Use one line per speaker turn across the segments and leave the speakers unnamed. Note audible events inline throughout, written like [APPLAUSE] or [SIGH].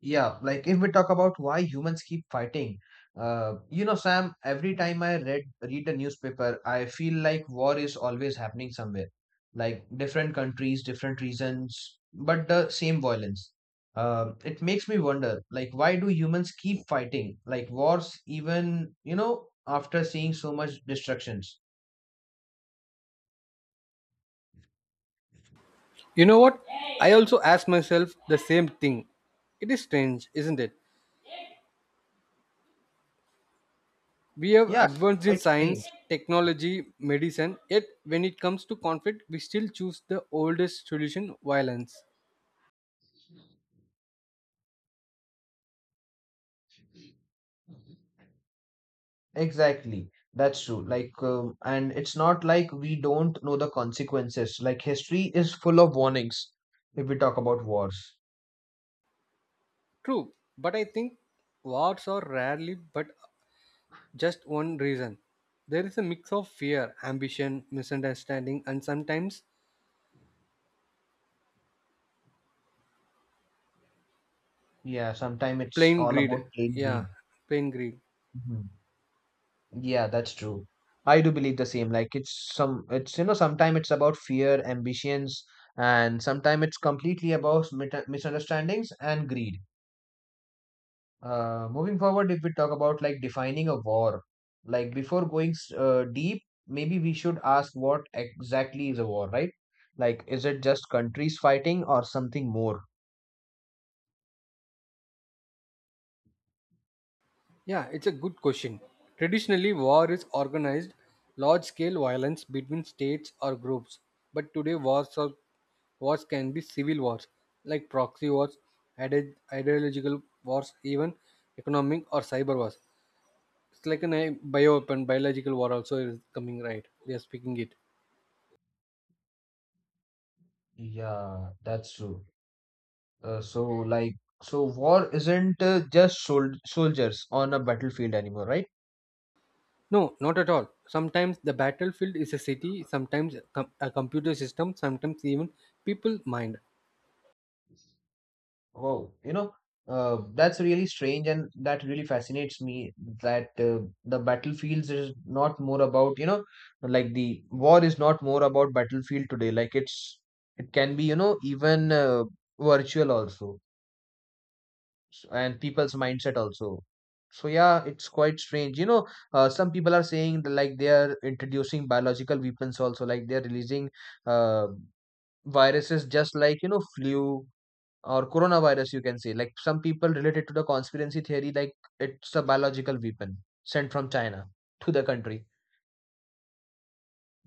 Yeah, like if we talk about why humans keep fighting, Sam, every time I read a newspaper, I feel like war is always happening somewhere. Like different countries, different reasons, but the same violence. It makes me wonder, like, why do humans keep fighting? Like wars, even, after seeing so much destructions.
You know what? I also ask myself the same thing. It is strange, isn't it? We have
Yeah,
advanced in
quite
science,
strange.
technology, medicine, yet when it comes to conflict, we still choose the oldest solution violence.
Exactly. That's true. Like, and it's not like we don't know the consequences. Like, history is full of warnings if we talk about wars.
True, but I think wars are rarely but just one reason. There is a mix of fear, ambition, misunderstanding, and sometimes
Yeah, sometimes it's
plain
all
greed.
about plain greed.
Yeah, plain greed.
Mhm. Yeah, that's true. I do believe the same. Like, sometimes it's about fear, ambitions, and sometimes it's completely about mit misunderstandings and greed. Moving forward, if we talk about like defining a war, like before going deep, maybe we should ask what exactly is a war, right? Like, is it just countries fighting or something more?
Yeah, it's a good question. Traditionally, war is organized large scale violence between states or groups, but today wars can be civil wars like proxy wars, ideological wars, even economic or cyber wars. It's like an a biological war also is coming right. We are speaking it.
Yeah, that's true. So, like, so war isn't just soldiers on a battlefield anymore, right?
No, not at all. Sometimes the battlefield is a city, sometimes a computer system, sometimes even people mind.
Wow, that's really strange, and that really fascinates me that the battlefields is not more about, like the war is not more about battlefield today. Like it's, it can be, even virtual also, and people's mindset also. So yeah, it's quite strange. Some people are saying that, like they are introducing biological weapons also, like they are releasing uh, viruses just like, flu or coronavirus, you can say. Like some people related to the conspiracy theory, like it's a biological weapon sent from China to the country.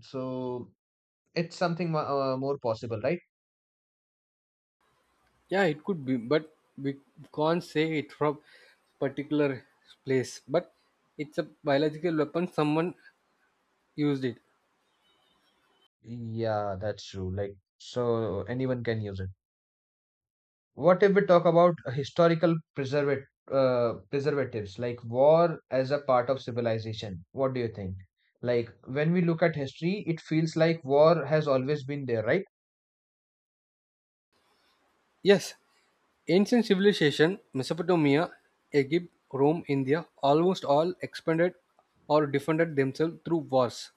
So it's something more possible, right?
Yeah, it could be, but we can't say it from particular place, but it's a biological weapon someone used it.
Yeah, that's true. Like so anyone can use it. What if we talk about historical preservatives, like war as a part of civilization? What do you think? Like when we look at history, it feels like war has always been there, right?
Yes, ancient civilization, Mesopotamia, Egypt, Rome, India almost all expanded or defended themselves through wars.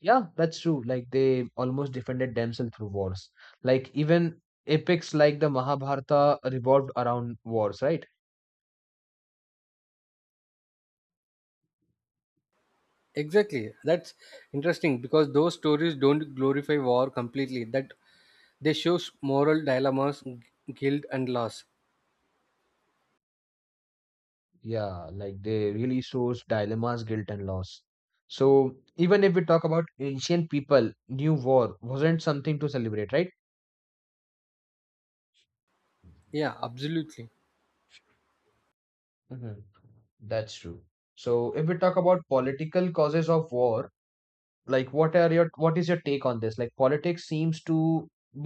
Yeah, that's true. Like they almost defended themselves through wars. Like even epics like the Mahabharata revolved around wars, right?
Exactly, that's interesting because those stories don't glorify war completely, that they show moral dilemmas, guilt, and loss.
Yeah, like they really shows dilemmas, guilt, and loss. So even if we talk about ancient people, new war wasn't something to celebrate, right?
Yeah, absolutely.
Hmm. That's true. So if we talk about political causes of war, like what is your take on this? Like politics seems to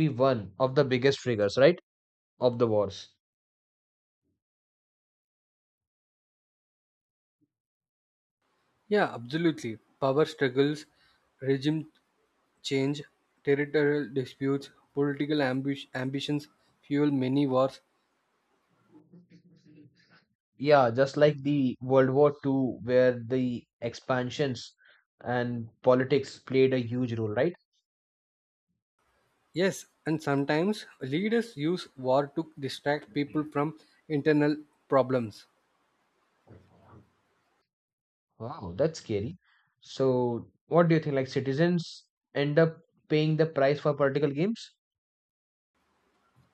be one of the biggest triggers, right? Of the wars.
Yeah, absolutely. Power struggles, regime change, territorial disputes, political ambitions fuel many wars.
Yeah, just like the World War Two, where the expansions and politics played a huge role, right?
Yes, and sometimes leaders use war to distract people from internal problems.
Wow, that's scary. So, what do you think? Like, citizens end up paying the price for political games?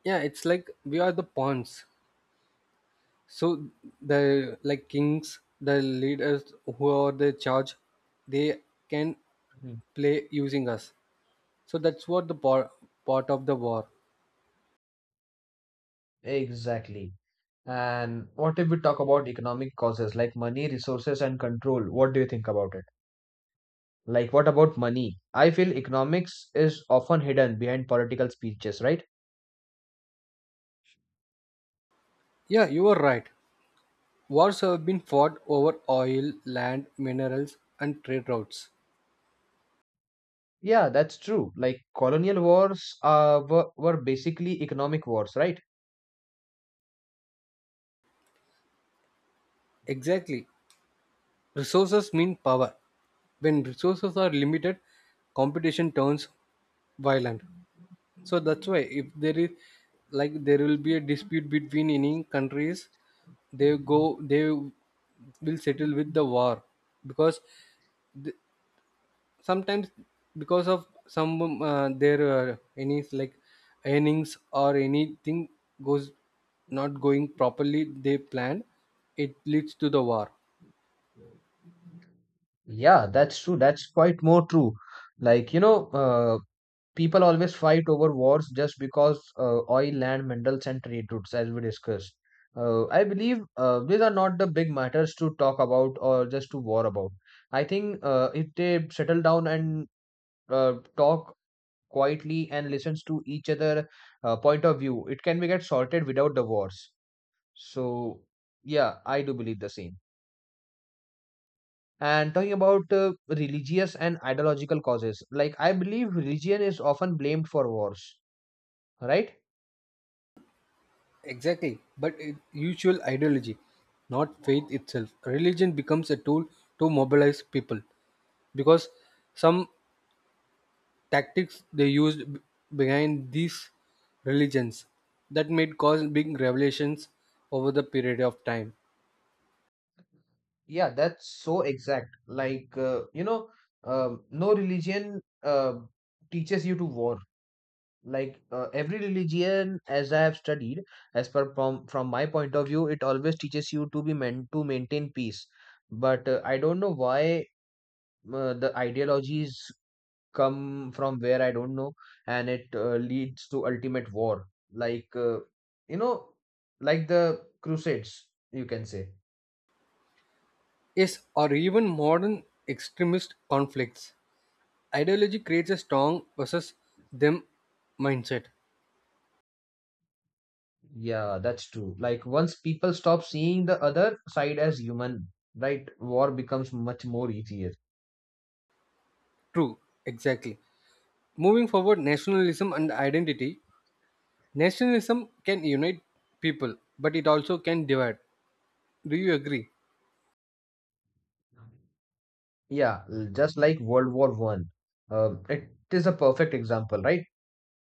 Yeah, it's like we are the pawns. So the like kings, the leaders who are the charge, they can
Mhm.
play using us. So that's what the part of the war.
Exactly. And what if we talk about economic causes like money, resources, and control? What do you think about it? Like, what about money? I feel economics is often hidden behind political speeches, right?
Yeah, you are right. Wars have been fought over oil, land, minerals, and trade routes.
Yeah, that's true. Like colonial wars were basically economic wars, right?
Exactly. Resources mean power. When resources are limited, competition turns violent. So that's why if there is like there will be a dispute between any countries, they will settle with the war, because sometimes because of some their any like earnings or anything goes not going properly they plan it leads to the war.
Yeah, that's true. That's quite more true. Like, people always fight over wars just because oil, land, minerals, and trade routes, as we discussed. I believe these are not the big matters to talk about or just to war about. I think if they settle down and talk quietly and listens to each other point of view, it can be get sorted without the wars. So, yeah, I do believe the same. And talking about religious and ideological causes, like I believe religion is often blamed for wars, right?
Exactly, but it, usual ideology, not faith itself, religion becomes a tool to mobilize people, because some tactics they used behind these religions that made cause big revelations over the period of time.
Yeah, that's so exact. Like, no religion teaches you to war. Like, every religion, as I have studied, as per from my point of view, it always teaches you to be meant to maintain peace. But I don't know why the ideologies come from where I don't know, and it leads to ultimate war, like you know, like the Crusades, you can say.
Yes, or even modern extremist conflicts. Ideology creates a strong versus them mindset.
Yeah, that's true. Like once people stop seeing the other side as human, right? War becomes much more easier.
True, exactly. Moving forward, nationalism and identity. Nationalism can unite people, but it also can divide. Do you agree?
Yeah, just like World War One. It is a perfect example, right?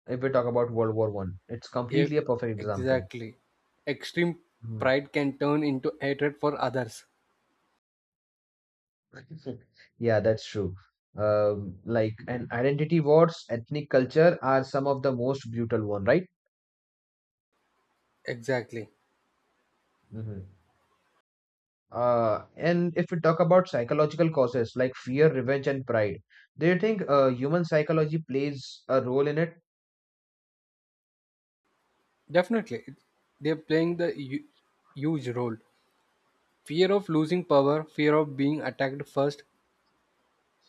If we talk about World War One, it's
Yeah,
completely a perfect example.
exactly. Extreme
Hmm.
pride can turn into hatred for others.
[LAUGHS] Yeah, that's true. Like, and identity wars, ethnic culture are some of the most brutal one, right?
Exactly.
Hmm. Uh, and if we talk about psychological causes like fear, revenge, and pride, do you think human psychology plays a role in it?
Definitely. They're playing the huge role. Fear of losing power, fear of being attacked first,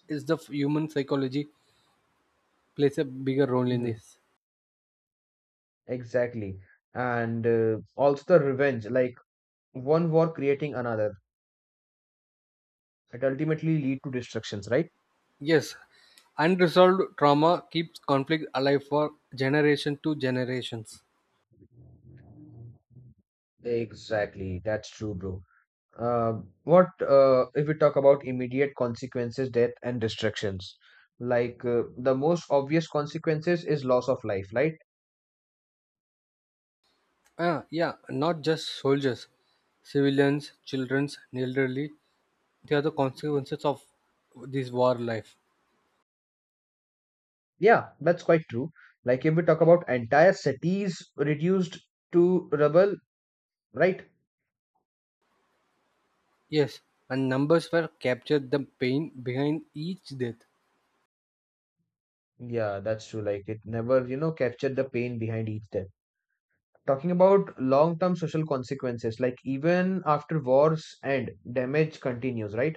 is the human psychology plays a bigger role in
Hmm.
this.
Exactly. And also the revenge, like one war creating another, it ultimately lead to destructions, right?
Yes, unresolved trauma keeps conflict alive for generation to generations.
Exactly. That's true, bro. Uh, what if we talk about immediate consequences, death and destructions? Like the most obvious consequences is loss of life, right?
Ah, yeah, not just soldiers, civilians, children, elderly. They are the consequences of this war life.
Yeah, that's quite true. Like if we talk about entire cities reduced to rubble, right?
Yes, and numbers were captured the pain behind each death.
Yeah, that's true. Like it never, you know, captured the pain behind each death. Talking about long-term social consequences, like even after wars end, damage continues, right?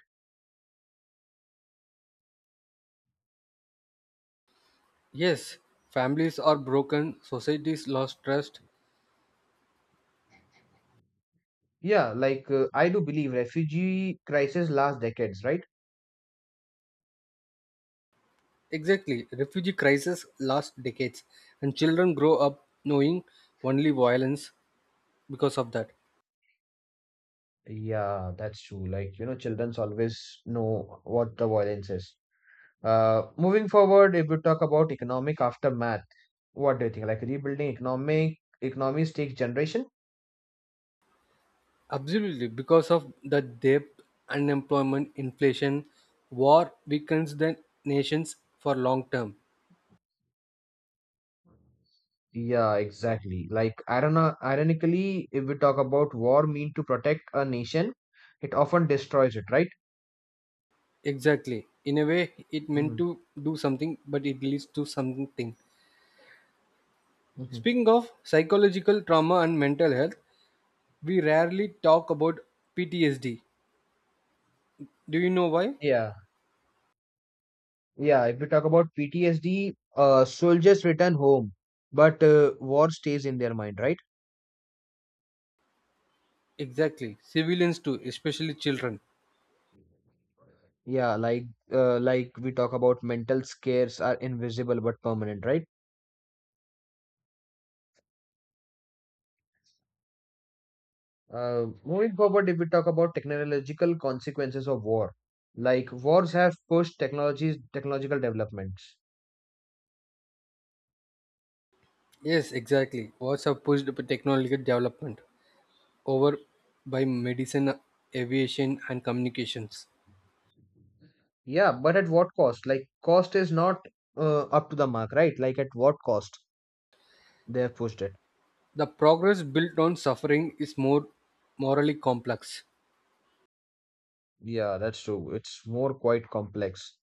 Yes, families are broken, societies lost trust.
Yeah, like I do believe refugee crisis last decades, right?
Exactly. Refugee crises last decades, and children grow up knowing only violence because of that.
Yeah, that's true. Like, you know, childrens always know what the violence is. Moving forward, if we talk about economic aftermath, what do you think? Like rebuilding economic economies take generation?
Absolutely, because of the debt, unemployment, inflation, war weakens the nations for long term.
Yeah, exactly. Like irona ironically, if we talk about war mean to protect a nation, it often destroys it, right?
Exactly. In a way, it meant
Hmm.
to do something, but it leads to something.
Hmm.
Speaking of psychological trauma and mental health, we rarely talk about PTSD. Do you know why?
Yeah, yeah. If we talk about PTSD, soldiers return home, but war stays in their mind, right?
Exactly. Civilians too, especially children.
Yeah, like we talk about mental scares are invisible but permanent, right? Moving forward, if we talk about technological consequences of war, like wars have pushed technological developments.
Yes, exactly. What's have pushed the technological development over by medicine, aviation, and communications.
Yeah, but at what cost? Like cost is not up to the mark, right? Like at what cost they have pushed it?
The progress built on suffering is more morally complex.
Yeah, that's true. It's more quite complex.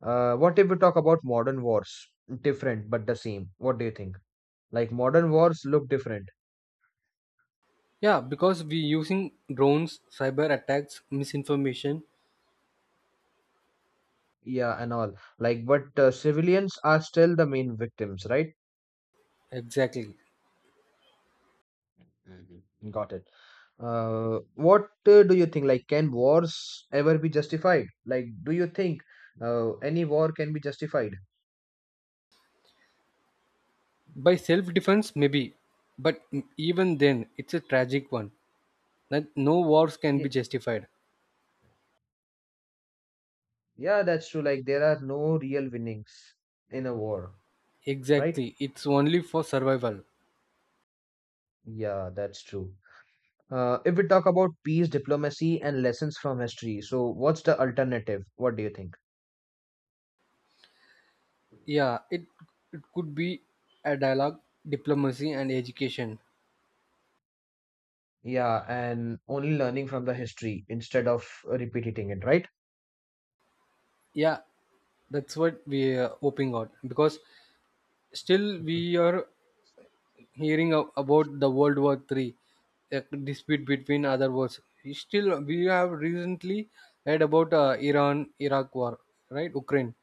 What if we talk about modern wars? Different but the same. What do you think? Like modern wars look different.
Yeah, because we using drones, cyber attacks, misinformation.
Yeah, and all. Like, but civilians are still the main victims, right?
Exactly.
Mhm. Got it. What do you think? Like, can wars ever be justified? Like, do you think any war can be justified?
By self defense, maybe. But even then, it's a tragic one. That no wars can
Yeah,
be justified.
yeah, that's true. Like, there are no real winnings in a war, right?
Exactly. It's only for survival.
Yeah, that's true. If we talk about peace, diplomacy, and lessons from history, so what's the alternative? What do you think?
Yeah, it could be a dialogue, diplomacy, and education.
Yeah, and only learning from the history instead of repeating it, right?
Yeah, that's what we are hoping on, because still we are hearing about the World War III, a dispute between other wars. Still, we have recently heard about Iran Iraq war, right? Ukraine.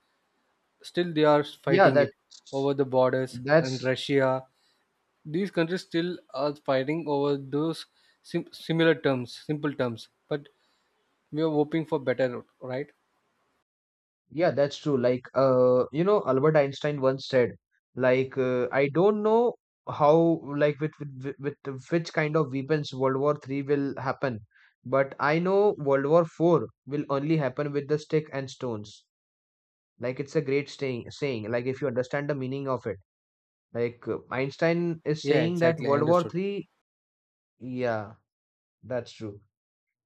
Still, they are
Yeah,
fighting
that's
it over the borders, and
that's
Russia. These countries still are fighting over those similar terms, simple terms, but we are hoping for better. Right,
yeah, that's true. Like Albert Einstein once said, like I don't know how, like with which kind of weapons World War Three will happen, but I know World War Four will only happen with the stick and stones. Like it's a great saying. Like if you understand the meaning of it, like Einstein is
yeah,
saying that
exactly, I
World War
understood.
Three. Yeah, that's true.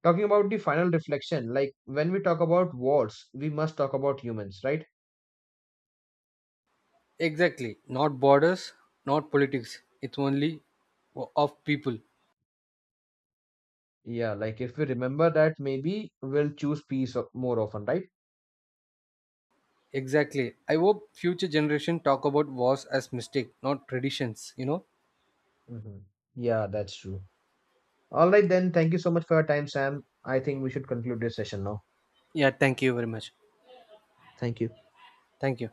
Talking about the final reflection, like when we talk about wars, we must talk about humans, right?
Exactly, not borders, not politics, it's only of people.
Yeah, like if we remember that, maybe we'll choose peace more often, right?
Exactly, I hope future generation talk about wars as mistake, not traditions, you know.
Hmm. Yeah, that's true. All right, then. Thank you so much for your time, Sam. I think we should conclude this session now.
Yeah, thank you very much.
Thank you.
Thank you.